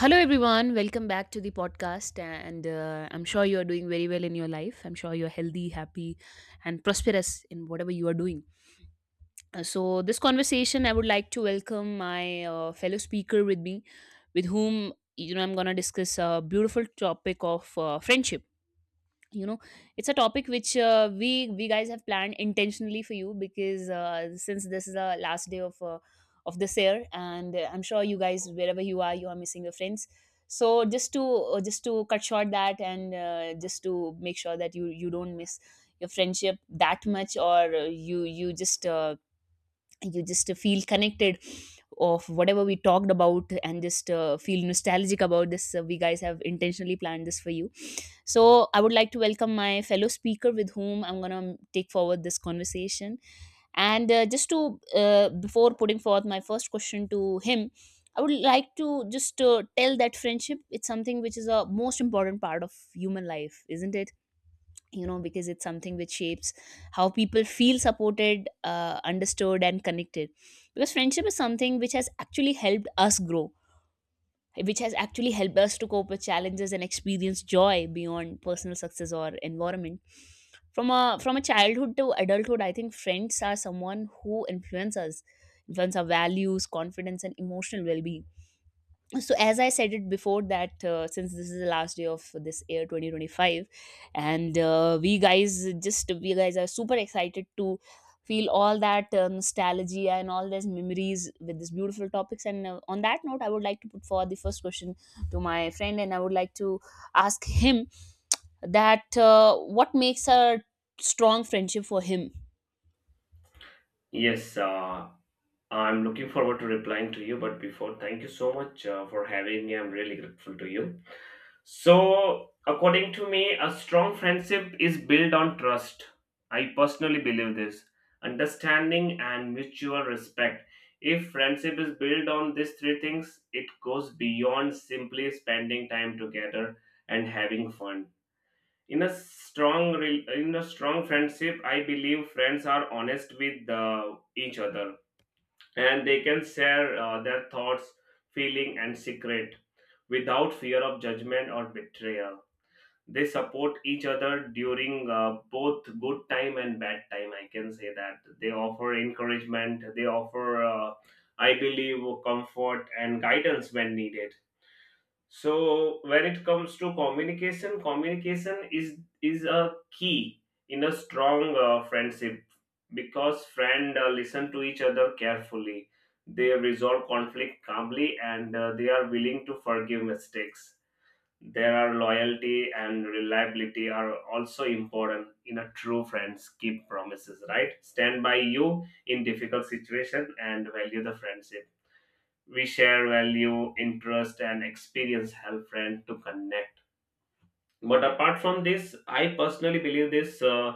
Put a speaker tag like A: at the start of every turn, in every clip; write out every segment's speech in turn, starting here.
A: Hello, everyone. Welcome back to the podcast. And I'm sure you are doing very well in your life. I'm sure you're healthy, happy, and prosperous in whatever you are doing. This conversation, I would like to welcome my fellow speaker with me, with whom you know I'm gonna discuss a beautiful topic of friendship. You know, it's a topic which we guys have planned intentionally for you because since this is the last day of this year, and I'm sure you guys, wherever you are, you are missing your friends. So just to cut short that, and just to make sure that you don't miss your friendship that much, or you just feel connected of whatever we talked about, and just feel nostalgic about this, we guys have intentionally planned this for you. So I would like to welcome my fellow speaker with whom I'm going to take forward this conversation. And just to Before putting forth my first question to him, I would like to just tell that friendship, it's something which is a most important part of human life, isn't it? You know, because it's something which shapes how people feel supported, understood and connected, because friendship is something which has actually helped us grow, which has actually helped us to cope with challenges and experience joy beyond personal success or environment. From a childhood to adulthood, I think friends are someone who influence us, influence our values, confidence and emotional well-being. So as I said it before, that since this is the last day of this year 2025, and we guys are super excited to feel all that nostalgia and all those memories with these beautiful topics, and on that note I would like to put forward the first question to my friend, and I would like to ask him that what makes a strong friendship for him.
B: Yes, I'm looking forward to replying to you. But before, thank you so much for having me. I'm really grateful to you. So, according to me, a strong friendship is built on trust. I personally believe this. Understanding and mutual respect. If friendship is built on these three things, it goes beyond simply spending time together and having fun. In a strong friendship, I believe friends are honest with each other and they can share their thoughts, feeling, and secret without fear of judgment or betrayal. They support each other during both good time and bad time. I can say that they offer encouragement. They offer, I believe, comfort and guidance when needed. So when it comes to communication, is a key in a strong friendship, because friend listen to each other carefully, they resolve conflict calmly, and they are willing to forgive mistakes. There are loyalty and reliability are also important in a true friends keep promises, right, stand by you in difficult situation and value the friendship. We share value, interest, and experience help friends to connect. But apart from this, I personally believe this,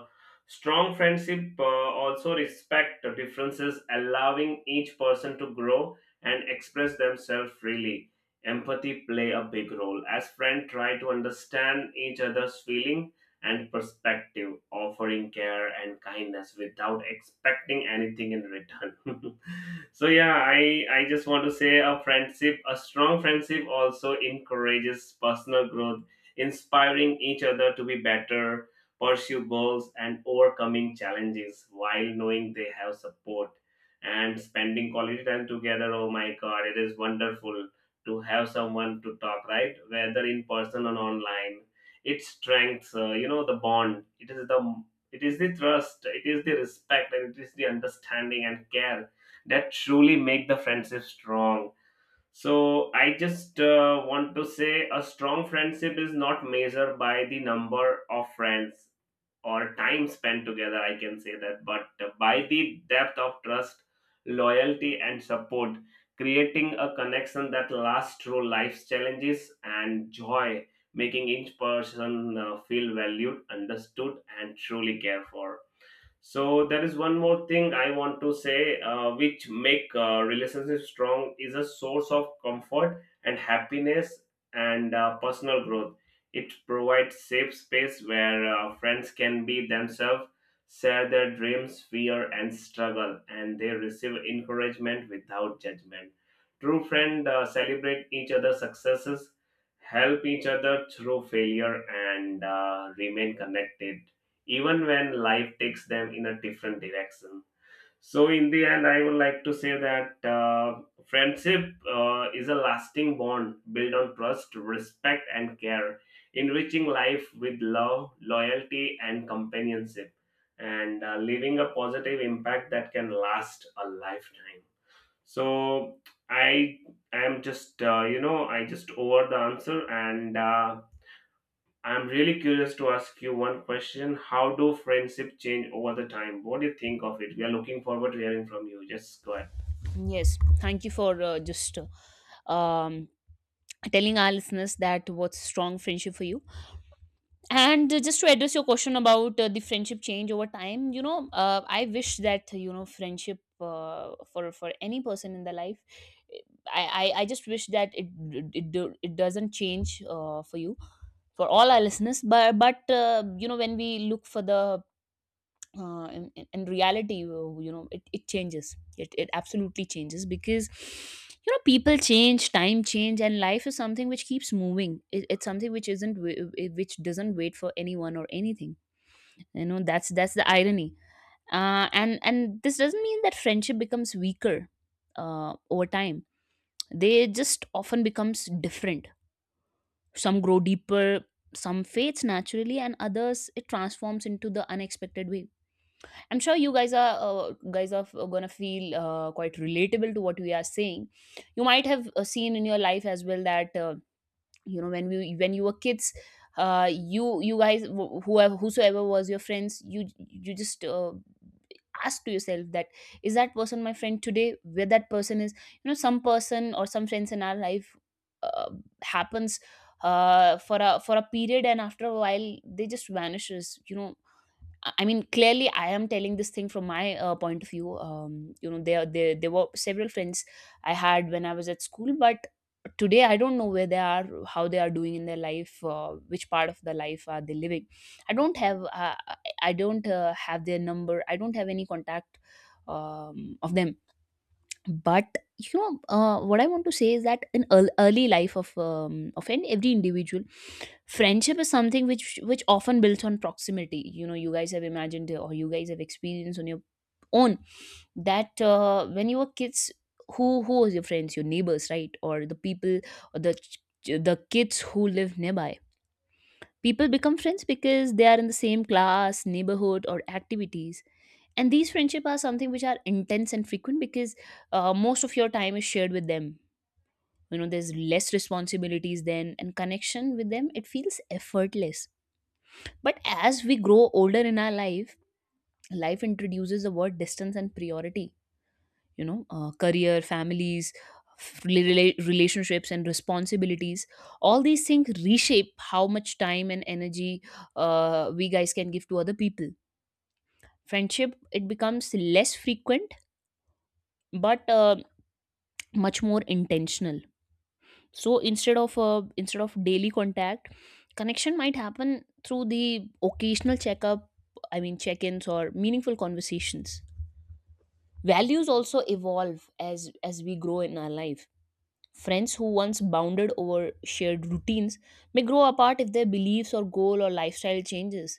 B: strong friendship also respect the differences, allowing each person to grow and express themselves freely. Empathy play a big role as friends try to understand each other's feeling and perspective, offering care and kindness without expecting anything in return. So yeah, I just want to say a friendship a strong friendship also encourages personal growth, inspiring each other to be better, pursue goals, and overcoming challenges while knowing they have support and spending quality time together. Oh my god, it is wonderful to have someone to talk, right? Whether in person or online. It strengths, the bond. It is the trust, it is the respect, and it is the understanding and care that truly make the friendship strong. So I just want to say a strong friendship is not measured by the number of friends or time spent together. I can say that, but by the depth of trust, loyalty, and support, creating a connection that lasts through life's challenges and joy, making each person feel valued, understood, and truly cared for. So there is one more thing I want to say, which make relationships strong is a source of comfort and happiness and personal growth. It provides safe space where friends can be themselves, share their dreams, fear, and struggle, and they receive encouragement without judgment. True friends celebrate each other's successes, help each other through failure, and remain connected even when life takes them in a different direction. So, in the end, I would like to say that friendship is a lasting bond built on trust, respect, and care, enriching life with love, loyalty, and companionship, and leaving a positive impact that can last a lifetime. So, I am just, I just over the answer and. I'm really curious to ask you one question. How do friendship change over the time? What do you think of it? We are looking forward to hearing from you. Just go ahead.
A: Yes, thank you for just um, telling our listeners that what's strong friendship for you. And Just to address your question about the friendship change over time, you know, I wish that, you know, friendship, for any person in the life, i I just wish that it doesn't change for you, for all our listeners. But you know, when we look for the in reality, you know, it changes, it absolutely changes. Because you know, people change, time change, and life is something which keeps moving. It's something which isn't wa- which doesn't wait for anyone or anything. You know, that's the irony. And this doesn't mean that friendship becomes weaker over time. They just often becomes different. Some grow deeper, some fades naturally, and others it transforms into the unexpected way. I'm sure you guys are gonna feel quite relatable to what we are saying. You might have seen in your life as well that you know, when you were kids, you you guys whoever whosoever was your friends, you just ask to yourself that is that person my friend today? Where that person is, you know? Some person or some friends in our life uh, happens for a period, and after a while they just vanishes, you know. I mean, clearly, I am telling this thing from my point of view. You know, there were several friends I had when I was at school, but today I don't know where they are, how they are doing in their life, which part of the life are they living. I don't have, uh, I I don't have their number. I don't have any contact of them. But you know, what I want to say is that in early life of every individual, friendship is something which often builds on proximity. You know, you guys have imagined or you guys have experienced on your own that when you were kids, who was your friends? Your neighbors, right? Or the people, or the ch- the kids who live nearby. People become friends because they are in the same class, neighborhood, or activities, and these friendship are something which are intense and frequent because most of your time is shared with them. You know, there's less responsibilities then, and connection with them, it feels effortless. But as we grow older in our life, life introduces the word distance and priority. You know, career, families, relationships and responsibilities, all these things reshape how much time and energy we guys can give to other people. Friendship, it becomes less frequent, but much more intentional. So instead of daily contact, connection might happen through the occasional checkup. I mean, check-ins, or meaningful conversations. Values also evolve as we grow in our life. Friends who once bounded over shared routines may grow apart if their beliefs or goal or lifestyle changes.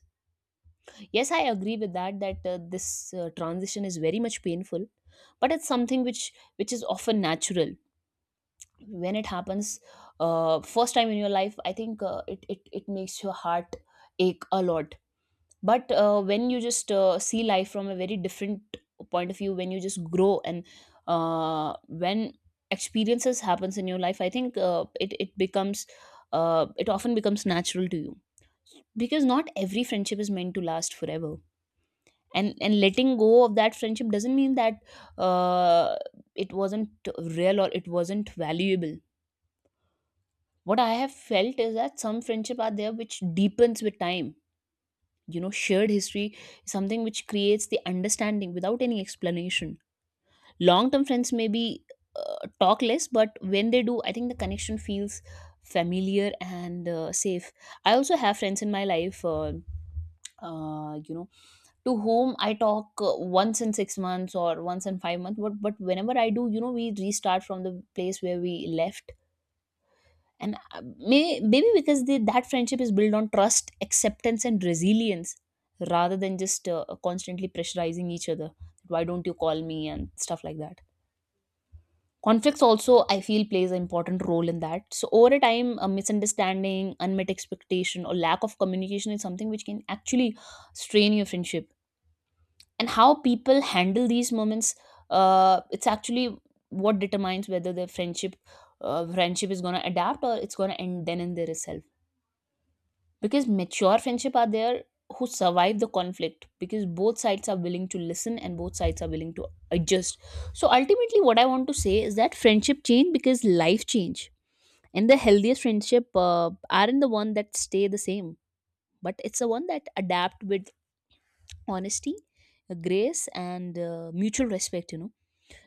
A: Yes, I agree with that, that this transition is very much painful, but it's something which is often natural. When it happens first time in your life, I think it it makes your heart ache a lot. But when you just see life from a very different point of view, when you just grow, and when experiences happens in your life, I think it it becomes, it often becomes natural to you, because not every friendship is meant to last forever. And letting go of that friendship doesn't mean that uh, it wasn't real or it wasn't valuable. What I have felt is that some friendship are there which deepens with time. You know, shared history is something which creates the understanding without any explanation. Long term friends may be, talk less, but when they do, I think the connection feels familiar and safe. I also have friends in my life, you know, to whom I talk once in six months or once in five months, but whenever I do, you know, we restart from the place where we left. And maybe because that friendship is built on trust, acceptance and resilience, rather than just constantly pressurizing each other, why don't you call me and stuff like that. Conflicts also, I feel, plays an important role in that. So over a time, a misunderstanding, unmet expectation or lack of communication is something which can actually strain your friendship. And how people handle these moments, it's actually what determines whether the friendship is going to adapt or it's going to end then and there itself. Because mature friendship are there who survive the conflict, because both sides are willing to listen and both sides are willing to adjust. So ultimately, what I want to say is that friendship change because life change, and the healthiest friendship aren't the one that stay the same, but it's the one that adapt with honesty, grace and mutual respect, you know.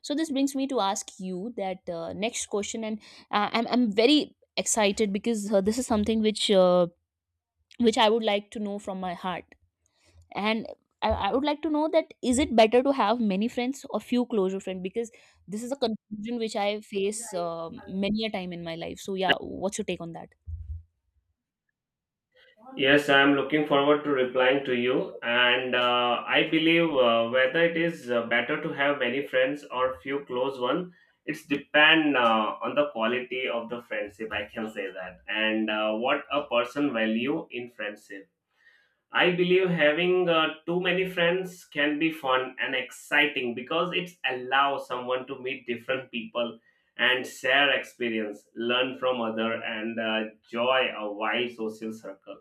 A: So this brings me to ask you that next question, and I'm very excited because this is something which I would like to know from my heart. And I would like to know that is it better to have many friends or few closure friends, because this is a confusion which I face many a time in my life. So yeah, what's your take on that?
B: Yes, I'm looking forward to replying to you. And I believe whether it is better to have many friends or few close one, it's depend on the quality of the friendship. I can say that, and what a person value in friendship. I believe having too many friends can be fun and exciting because it allows someone to meet different people and share experience, learn from other, and joy a wide social circle.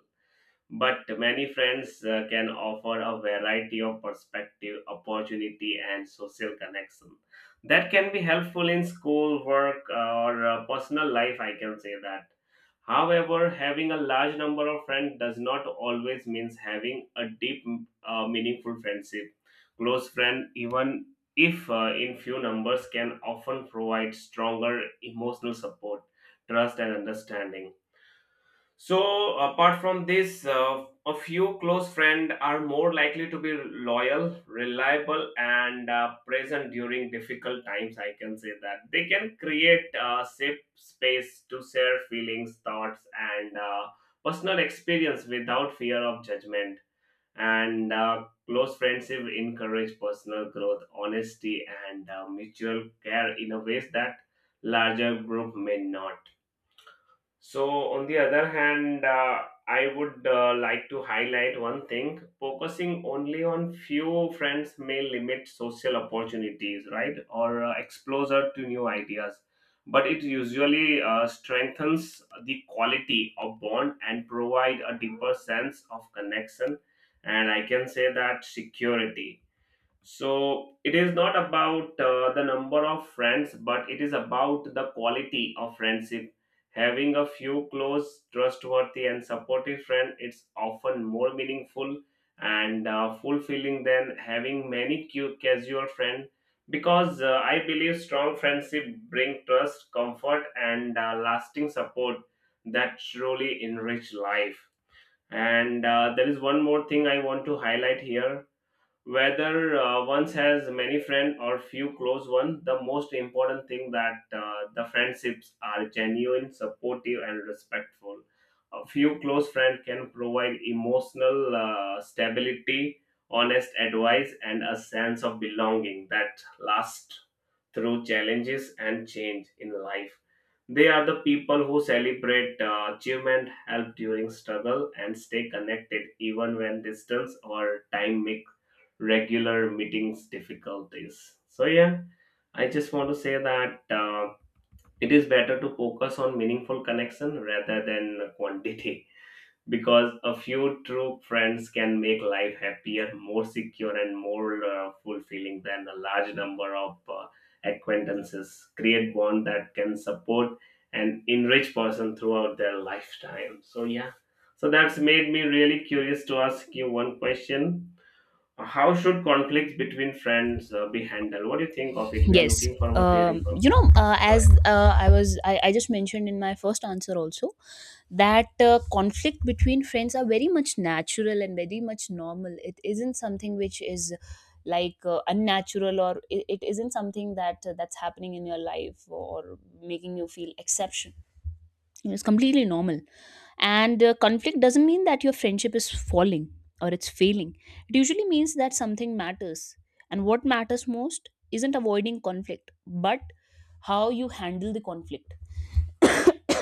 B: But many friends can offer a variety of perspective, opportunity, and social connection that can be helpful in school, work, or personal life. I can say that. However, having a large number of friends does not always means having a deep, meaningful friendship. Close friend, even if in few numbers, can often provide stronger emotional support, trust, and understanding. So, apart from this, a few close friends are more likely to be loyal, reliable, and present during difficult times. I can say that they can create a safe space to share feelings, thoughts, and personal experience without fear of judgment. And close friendship encourage personal growth, honesty, and mutual care in a ways that larger group may not. So, on the other hand, I would like to highlight one thing, focusing only on few friends may limit social opportunities, right? Or exposure to new ideas. But it usually strengthens the quality of bond and provide a deeper sense of connection. And I can say that security. So it is not about the number of friends, but it is about the quality of friendship. Having a few close, trustworthy, and supportive friends, it's often more meaningful and fulfilling than having many casual friends. Because I believe strong friendship bring trust, comfort, and lasting support that truly enrich life. And there is one more thing I want to highlight here, whether one has many friends or few close ones, the most important thing that the friendships are genuine, supportive, and respectful. A few close friends can provide emotional stability, honest advice, and a sense of belonging that lasts through challenges and change in life. They are the people who celebrate achievement, help during struggle, and stay connected even when distance or time make regular meetings difficulties. So yeah, I just want to say that it is better to focus on meaningful connection rather than quantity, because a few true friends can make life happier, more secure, and more fulfilling than a large number of acquaintances. Create bond that can support and enrich person throughout their lifetime. So yeah, so that's made me really curious to ask you one question. How should conflicts between friends be handled? What do you think of it? We are
A: Yes,
B: looking forward to hearing from
A: you
B: you.
A: know, uh,
B: Just go ahead.
A: as uh, i was I just mentioned in my first answer also that conflict between friends are very much natural and very much normal. It isn't something which is like unnatural, or it isn't something that that's happening in your life or making you feel exception. It's completely normal. And Conflict doesn't mean that your friendship is falling or it's failing. It usually means that something matters. And what matters most isn't avoiding conflict, but how you handle the conflict.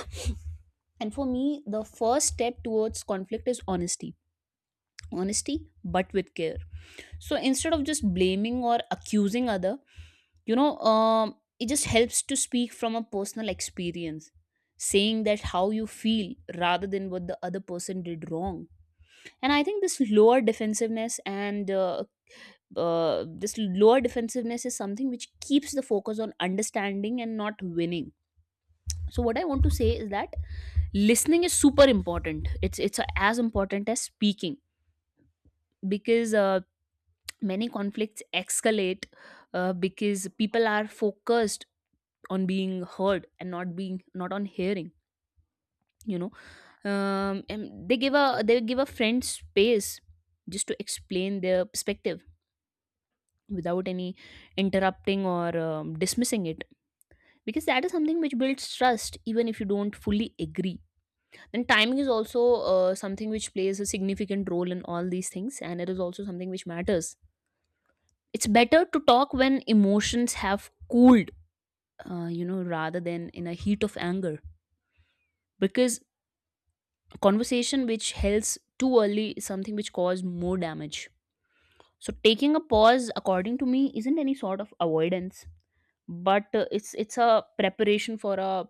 A: And for me, the first step towards conflict is honesty. Honesty, but with care. So instead of just blaming or accusing other, it just helps to speak from a personal experience, saying that how you feel rather than what the other person did wrong. And I think this lower defensiveness and this lower defensiveness is something which keeps the focus on understanding and not winning. So what I want to say is that listening is super important. It's as important as speaking, because many conflicts escalate because people are focused on being heard and not being, not on hearing, you know and they give a, they give a friend space just to explain their perspective without any interrupting or dismissing it, because that is something which builds trust even if you don't fully agree. Then timing is also something which plays a significant role in all these things, and it is also something which matters. It's better to talk when emotions have cooled, you know, rather than in a heat of anger, because conversation which hells too early is something which cause more damage. So taking a pause, according to me, isn't any sort of avoidance, but it's a preparation for a,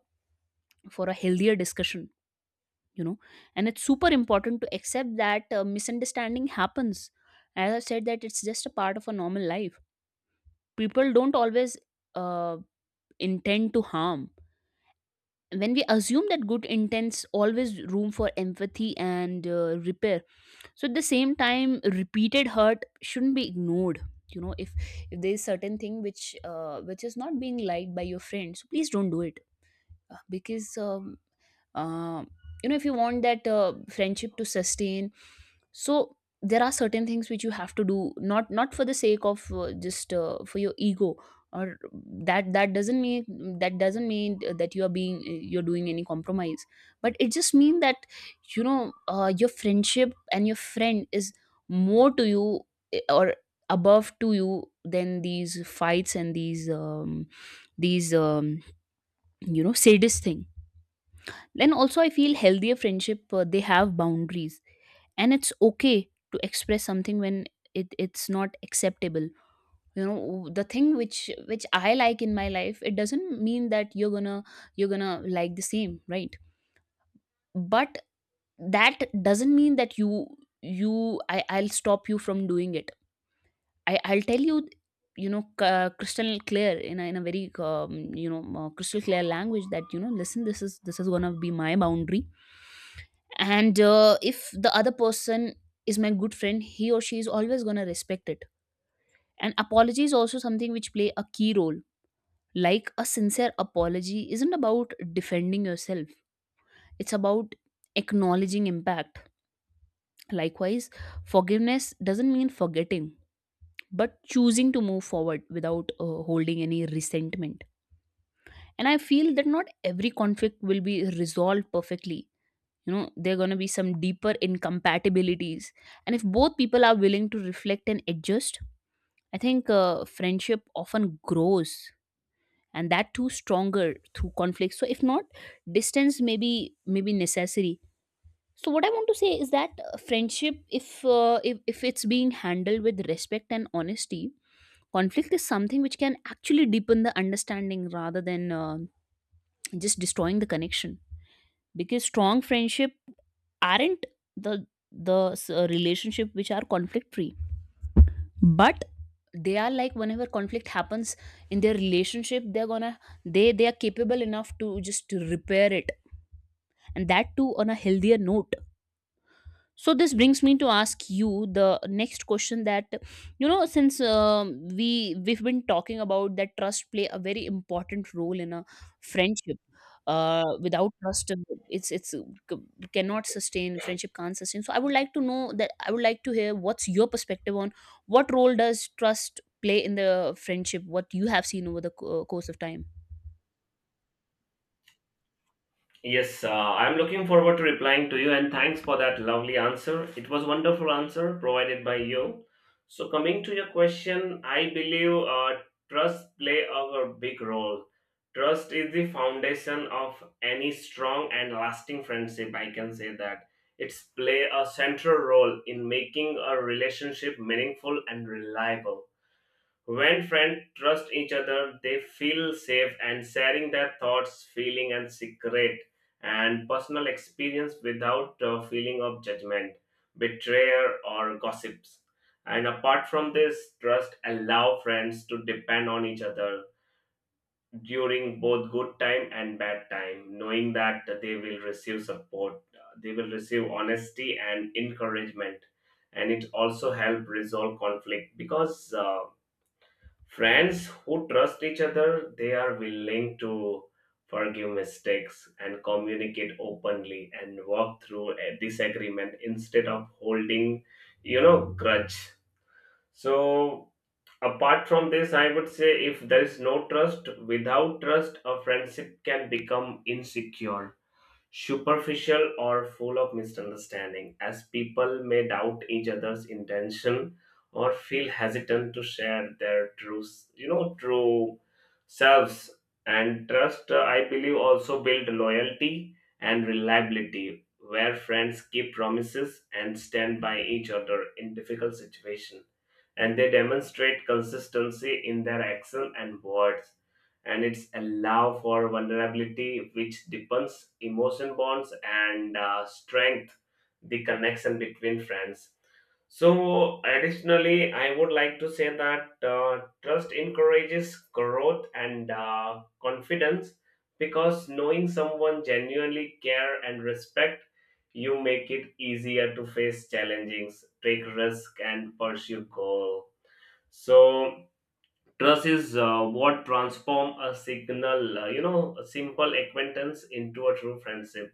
A: for a healthier discussion, you know. And it's super important to accept that misunderstanding happens. As I said, that it's just a part of a normal life. People don't always uh, intend to harm. When we assume that good intents, always room for empathy and repair. So at the same time, repeated hurt shouldn't be ignored, you know. If there is certain thing which is not being liked by your friend, so please don't do it, because uh, you know, if you want that friendship to sustain, so there are certain things which you have to do, not for the sake of just for your ego. Or that doesn't mean, that doesn't mean that you are being, you're doing any compromise, but it just means that, you know, your friendship and your friend is more to you, eh, or above to you than these fights and these these um, you know, sadist thing. And also I feel healthier friendship, they have boundaries, and it's okay to express something when it's not acceptable. You know, the thing which I like in my life, it doesn't mean that you're gonna like the same, right? But that doesn't mean that you, I'll stop you from doing it. I'll tell you, you know, crystal clear, in a very crystal clear language, that, you know, listen, this is gonna be my boundary. And if the other person is my good friend, he or she is always going to respect it. And apology is also something which play a key role. Like, a sincere apology isn't about defending yourself. It's about acknowledging impact. Likewise, forgiveness doesn't mean forgetting, but choosing to move forward without holding any resentment. And I feel that not every conflict will be resolved perfectly. You know, there are going to be some deeper incompatibilities, and if both people are willing to reflect and adjust, I think friendship often grows, and that too stronger, through conflict. So if not, distance may be, may necessary. So what I want to say is that, friendship, if it's being handled with respect and honesty, conflict is something which can actually deepen the understanding rather than just destroying the connection, because strong friendship aren't the, the relationship which are conflict free. But they are like, whenever conflict happens in their relationship, they they are capable enough to just repair it, and that too on a healthier note. So this brings me to ask you the next question, that, you know, since we've been talking about that trust play a very important role in a friendship. Uh without trust, it's it's uh, c- cannot sustain, friendship can't sustain. So I would like to know that, I would like to hear, what's your perspective on what role does trust play in the friendship, what you have seen over the course of time?
B: Yes, I'm looking forward to replying to you and thanks for that lovely answer. It was wonderful answer provided by you. So coming to your question, I believe trust play a big role. Trust is the foundation of any strong and lasting friendship. I can say that it's play a central role in making a relationship meaningful and reliable. When friends trust each other, they feel safe and sharing their thoughts, feeling and secret and personal experience without a feeling of judgment, betrayal or gossips. And apart from this, trust allow friends to depend on each other during both good time and bad time, knowing that they will receive support, they will receive honesty and encouragement. And it also help resolve conflict because friends who trust each other, they are willing to forgive mistakes and communicate openly and work through a disagreement instead of holding, you know, grudge. So, apart from this, I would say if there is no trust, without trust, a friendship can become insecure, superficial or full of misunderstanding, as people may doubt each other's intention or feel hesitant to share their true, you know, true selves. And trust, I believe, also build loyalty and reliability, where friends keep promises and stand by each other in difficult situations. And they demonstrate consistency in their action and words, and it's allow for vulnerability which deepens emotion bonds and strength the connection between friends. So additionally, I would like to say that trust encourages growth and confidence, because knowing someone genuinely care and respect you make it easier to face challenges, take risk, and pursue goal. So trust is what transform a signal, a simple acquaintance into a true friendship,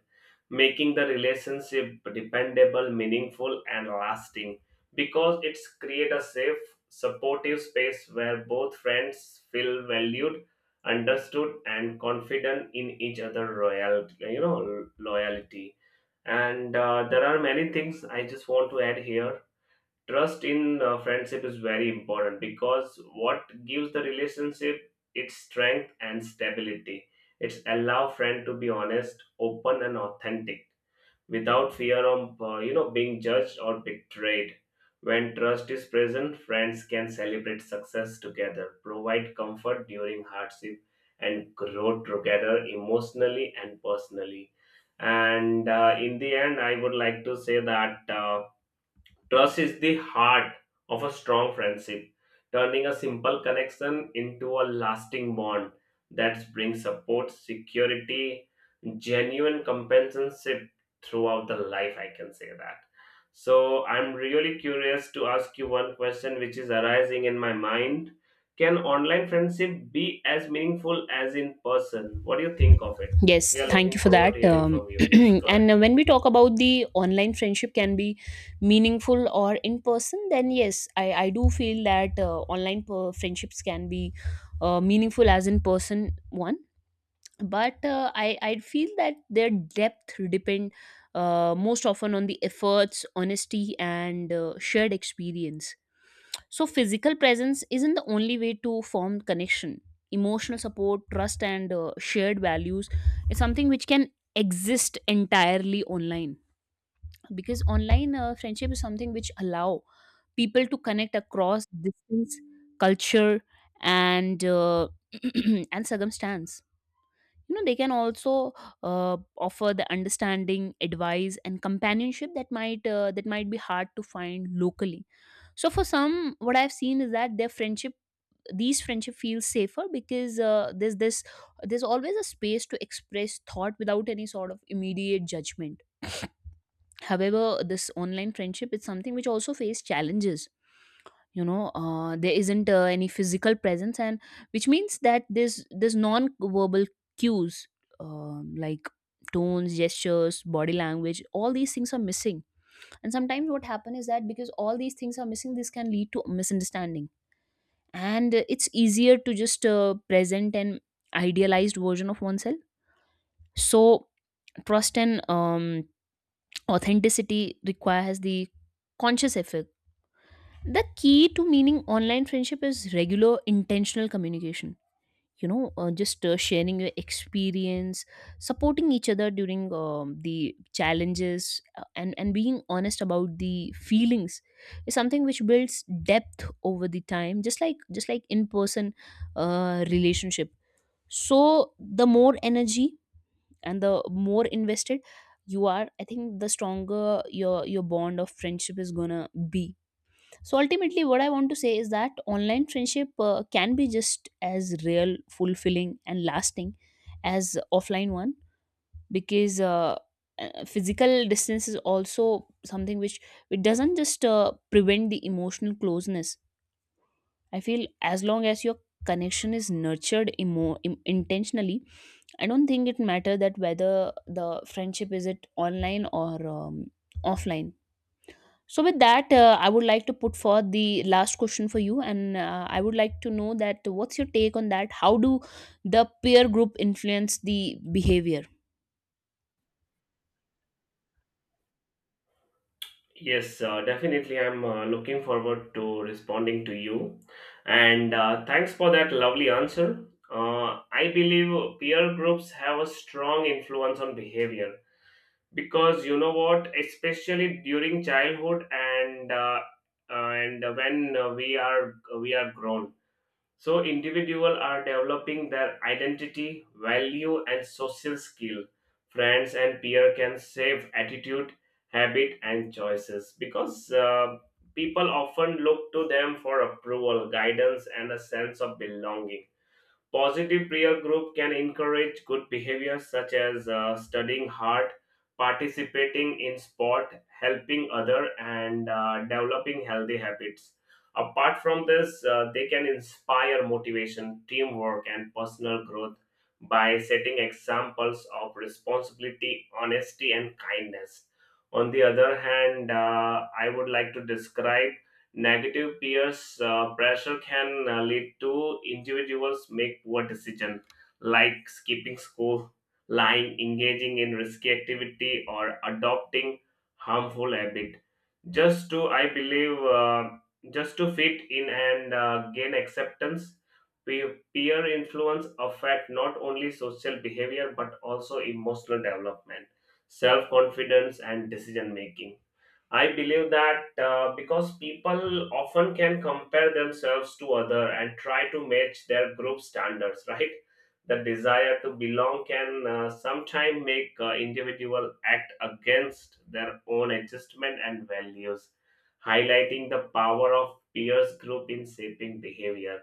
B: making the relationship dependable, meaningful, and lasting. Because it's create a safe, supportive space where both friends feel valued, understood, and confident in each other royal, you know, loyalty. And there are many things I just want to add here. Trust in friendship is very important because what gives the relationship its strength and stability, it's allow friend to be honest, open, and authentic without fear of being judged or betrayed. When trust is present, friends can celebrate success together, provide comfort during hardship, and grow together emotionally and personally. And in the end, I would like to say that trust is the heart of a strong friendship, turning a simple connection into a lasting bond that brings support, security, genuine companionship throughout the life. I can say that. So I'm really curious to ask you one question which is arising in my mind. Can online friendship be as meaningful as in person? What do you think of it?
A: Yes,
B: We are
A: thank you
B: looking
A: for
B: forward
A: that.
B: to hearing from you. Yes, go ahead.
A: And when we talk about the online friendship can be meaningful or in person, then yes, I do feel that online friendships can be meaningful as in person one, but I feel that their depth depend most often on the efforts, honesty and shared experience. So physical presence isn't the only way to form connection. Emotional support, trust and shared values is something which can exist entirely online, because online friendship is something which allow people to connect across distance, culture and and circumstance. You know, they can also uh, offer the understanding, advice and companionship that might be hard to find locally. So for some, what I've seen is that their friendship, these friendship feels safer, because there's this, there's always a space to express thought without any sort of immediate judgment. However, this online friendship is something which also face challenges. You know, there isn't any physical presence, and which means that there's non-verbal cues, like tones, gestures, body language, all these things are missing. And sometimes what happen is that because all these things are missing, this can lead to misunderstanding. And it's easier to just present an idealized version of oneself. So trust and authenticity requires the conscious effort. The key to meaning online friendship is regular intentional communication. You know, just sharing your experience, supporting each other during the challenges, and being honest about the feelings is something which builds depth over the time, just like in person relationship. So the more energy and the more invested you are, I think the stronger your bond of friendship is gonna be. So ultimately, what I want to say is that online friendship can be just as real, fulfilling, and lasting as offline one, because physical distance is also something which, it doesn't just prevent the emotional closeness. I feel, as long as your connection is nurtured intentionally, I don't think it matter that whether the friendship is it online or offline. So with that, I would like to put forth the last question for you, and I would like to know that, what's your take on that? How do the peer group influence the behavior?
B: Yes, definitely. I'm looking forward to responding to you. And thanks for that lovely answer. I believe peer groups have a strong influence on behavior, because you know what, especially during childhood and when we are grown, so individuals are developing their identity, value, and social skill. Friends and peer can save attitude, habit, and choices because people often look to them for approval, guidance, and a sense of belonging. Positive peer group can encourage good behaviors such as studying hard, participating in sport, helping other, and developing healthy habits. Apart from this, they can inspire motivation, teamwork, and personal growth by setting examples of responsibility, honesty, and kindness. On the other hand, I would like to describe negative peers pressure can lead to individuals make poor decision like skipping school, lying, engaging in risky activity, or adopting harmful habit, just to I believe just to fit in and gain acceptance. Peer influence affect not only social behavior but also emotional development, self confidence, and decision making. I believe that because people often can compare themselves to other and try to match their group standards, right? The desire to belong can sometimes make individual act against their own adjustment and values, highlighting the power of peers group in shaping behavior.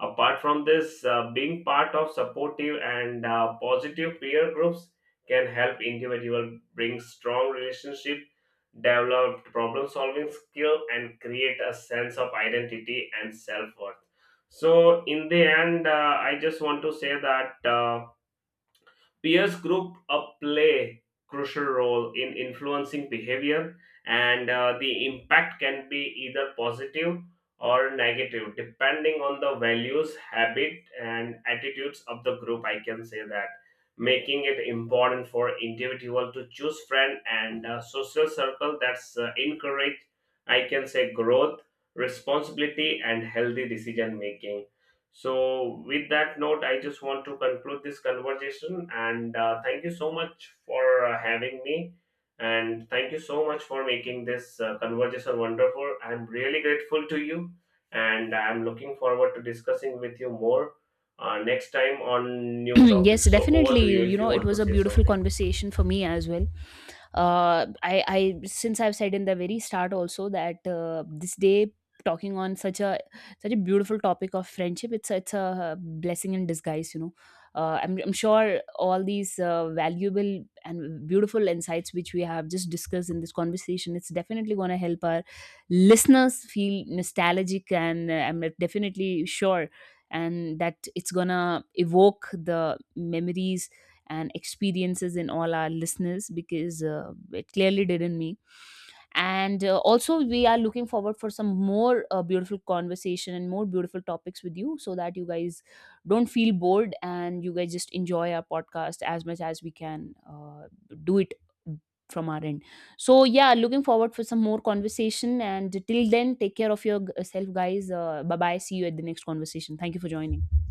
B: Apart from this, being part of supportive and positive peer groups can help individual bring strong relationship, develop problem solving skill, and create a sense of identity and self worth. So in the end, I just want to say that peers group up play crucial role in influencing behavior, and the impact can be either positive or negative depending on the values, habit, and attitudes of the group. I can say that, making it important for individual to choose friend and social circle that's encourage, I can say, growth, responsibility, and healthy decision making. So, with that note, I just want to conclude this conversation and thank you so much for having me. And thank you so much for making this conversation wonderful. I'm really grateful to you and I'm looking forward to discussing with you more next time on new
A: Yes,
B: topics. So, over
A: definitely.
B: to you
A: You
B: if you
A: know, it
B: want to
A: was a
B: say
A: beautiful
B: something.
A: conversation for me as well. I since I've said in the very start also, that this day, talking on such a, such a beautiful topic of friendship, it's a blessing in disguise, you know. I'm sure all these valuable and beautiful insights which we have just discussed in this conversation, it's definitely going to help our listeners feel nostalgic, and I'm definitely sure, and that it's going to evoke the memories and experiences in all our listeners, because it clearly did in me. And also we are looking forward for some more beautiful conversation and more beautiful topics with you, so that you guys don't feel bored and you guys just enjoy our podcast as much as we can do it, from our end. So yeah, looking forward for some more conversation, and till then, take care of yourself guys, bye bye, see you at the next conversation. Thank you for joining.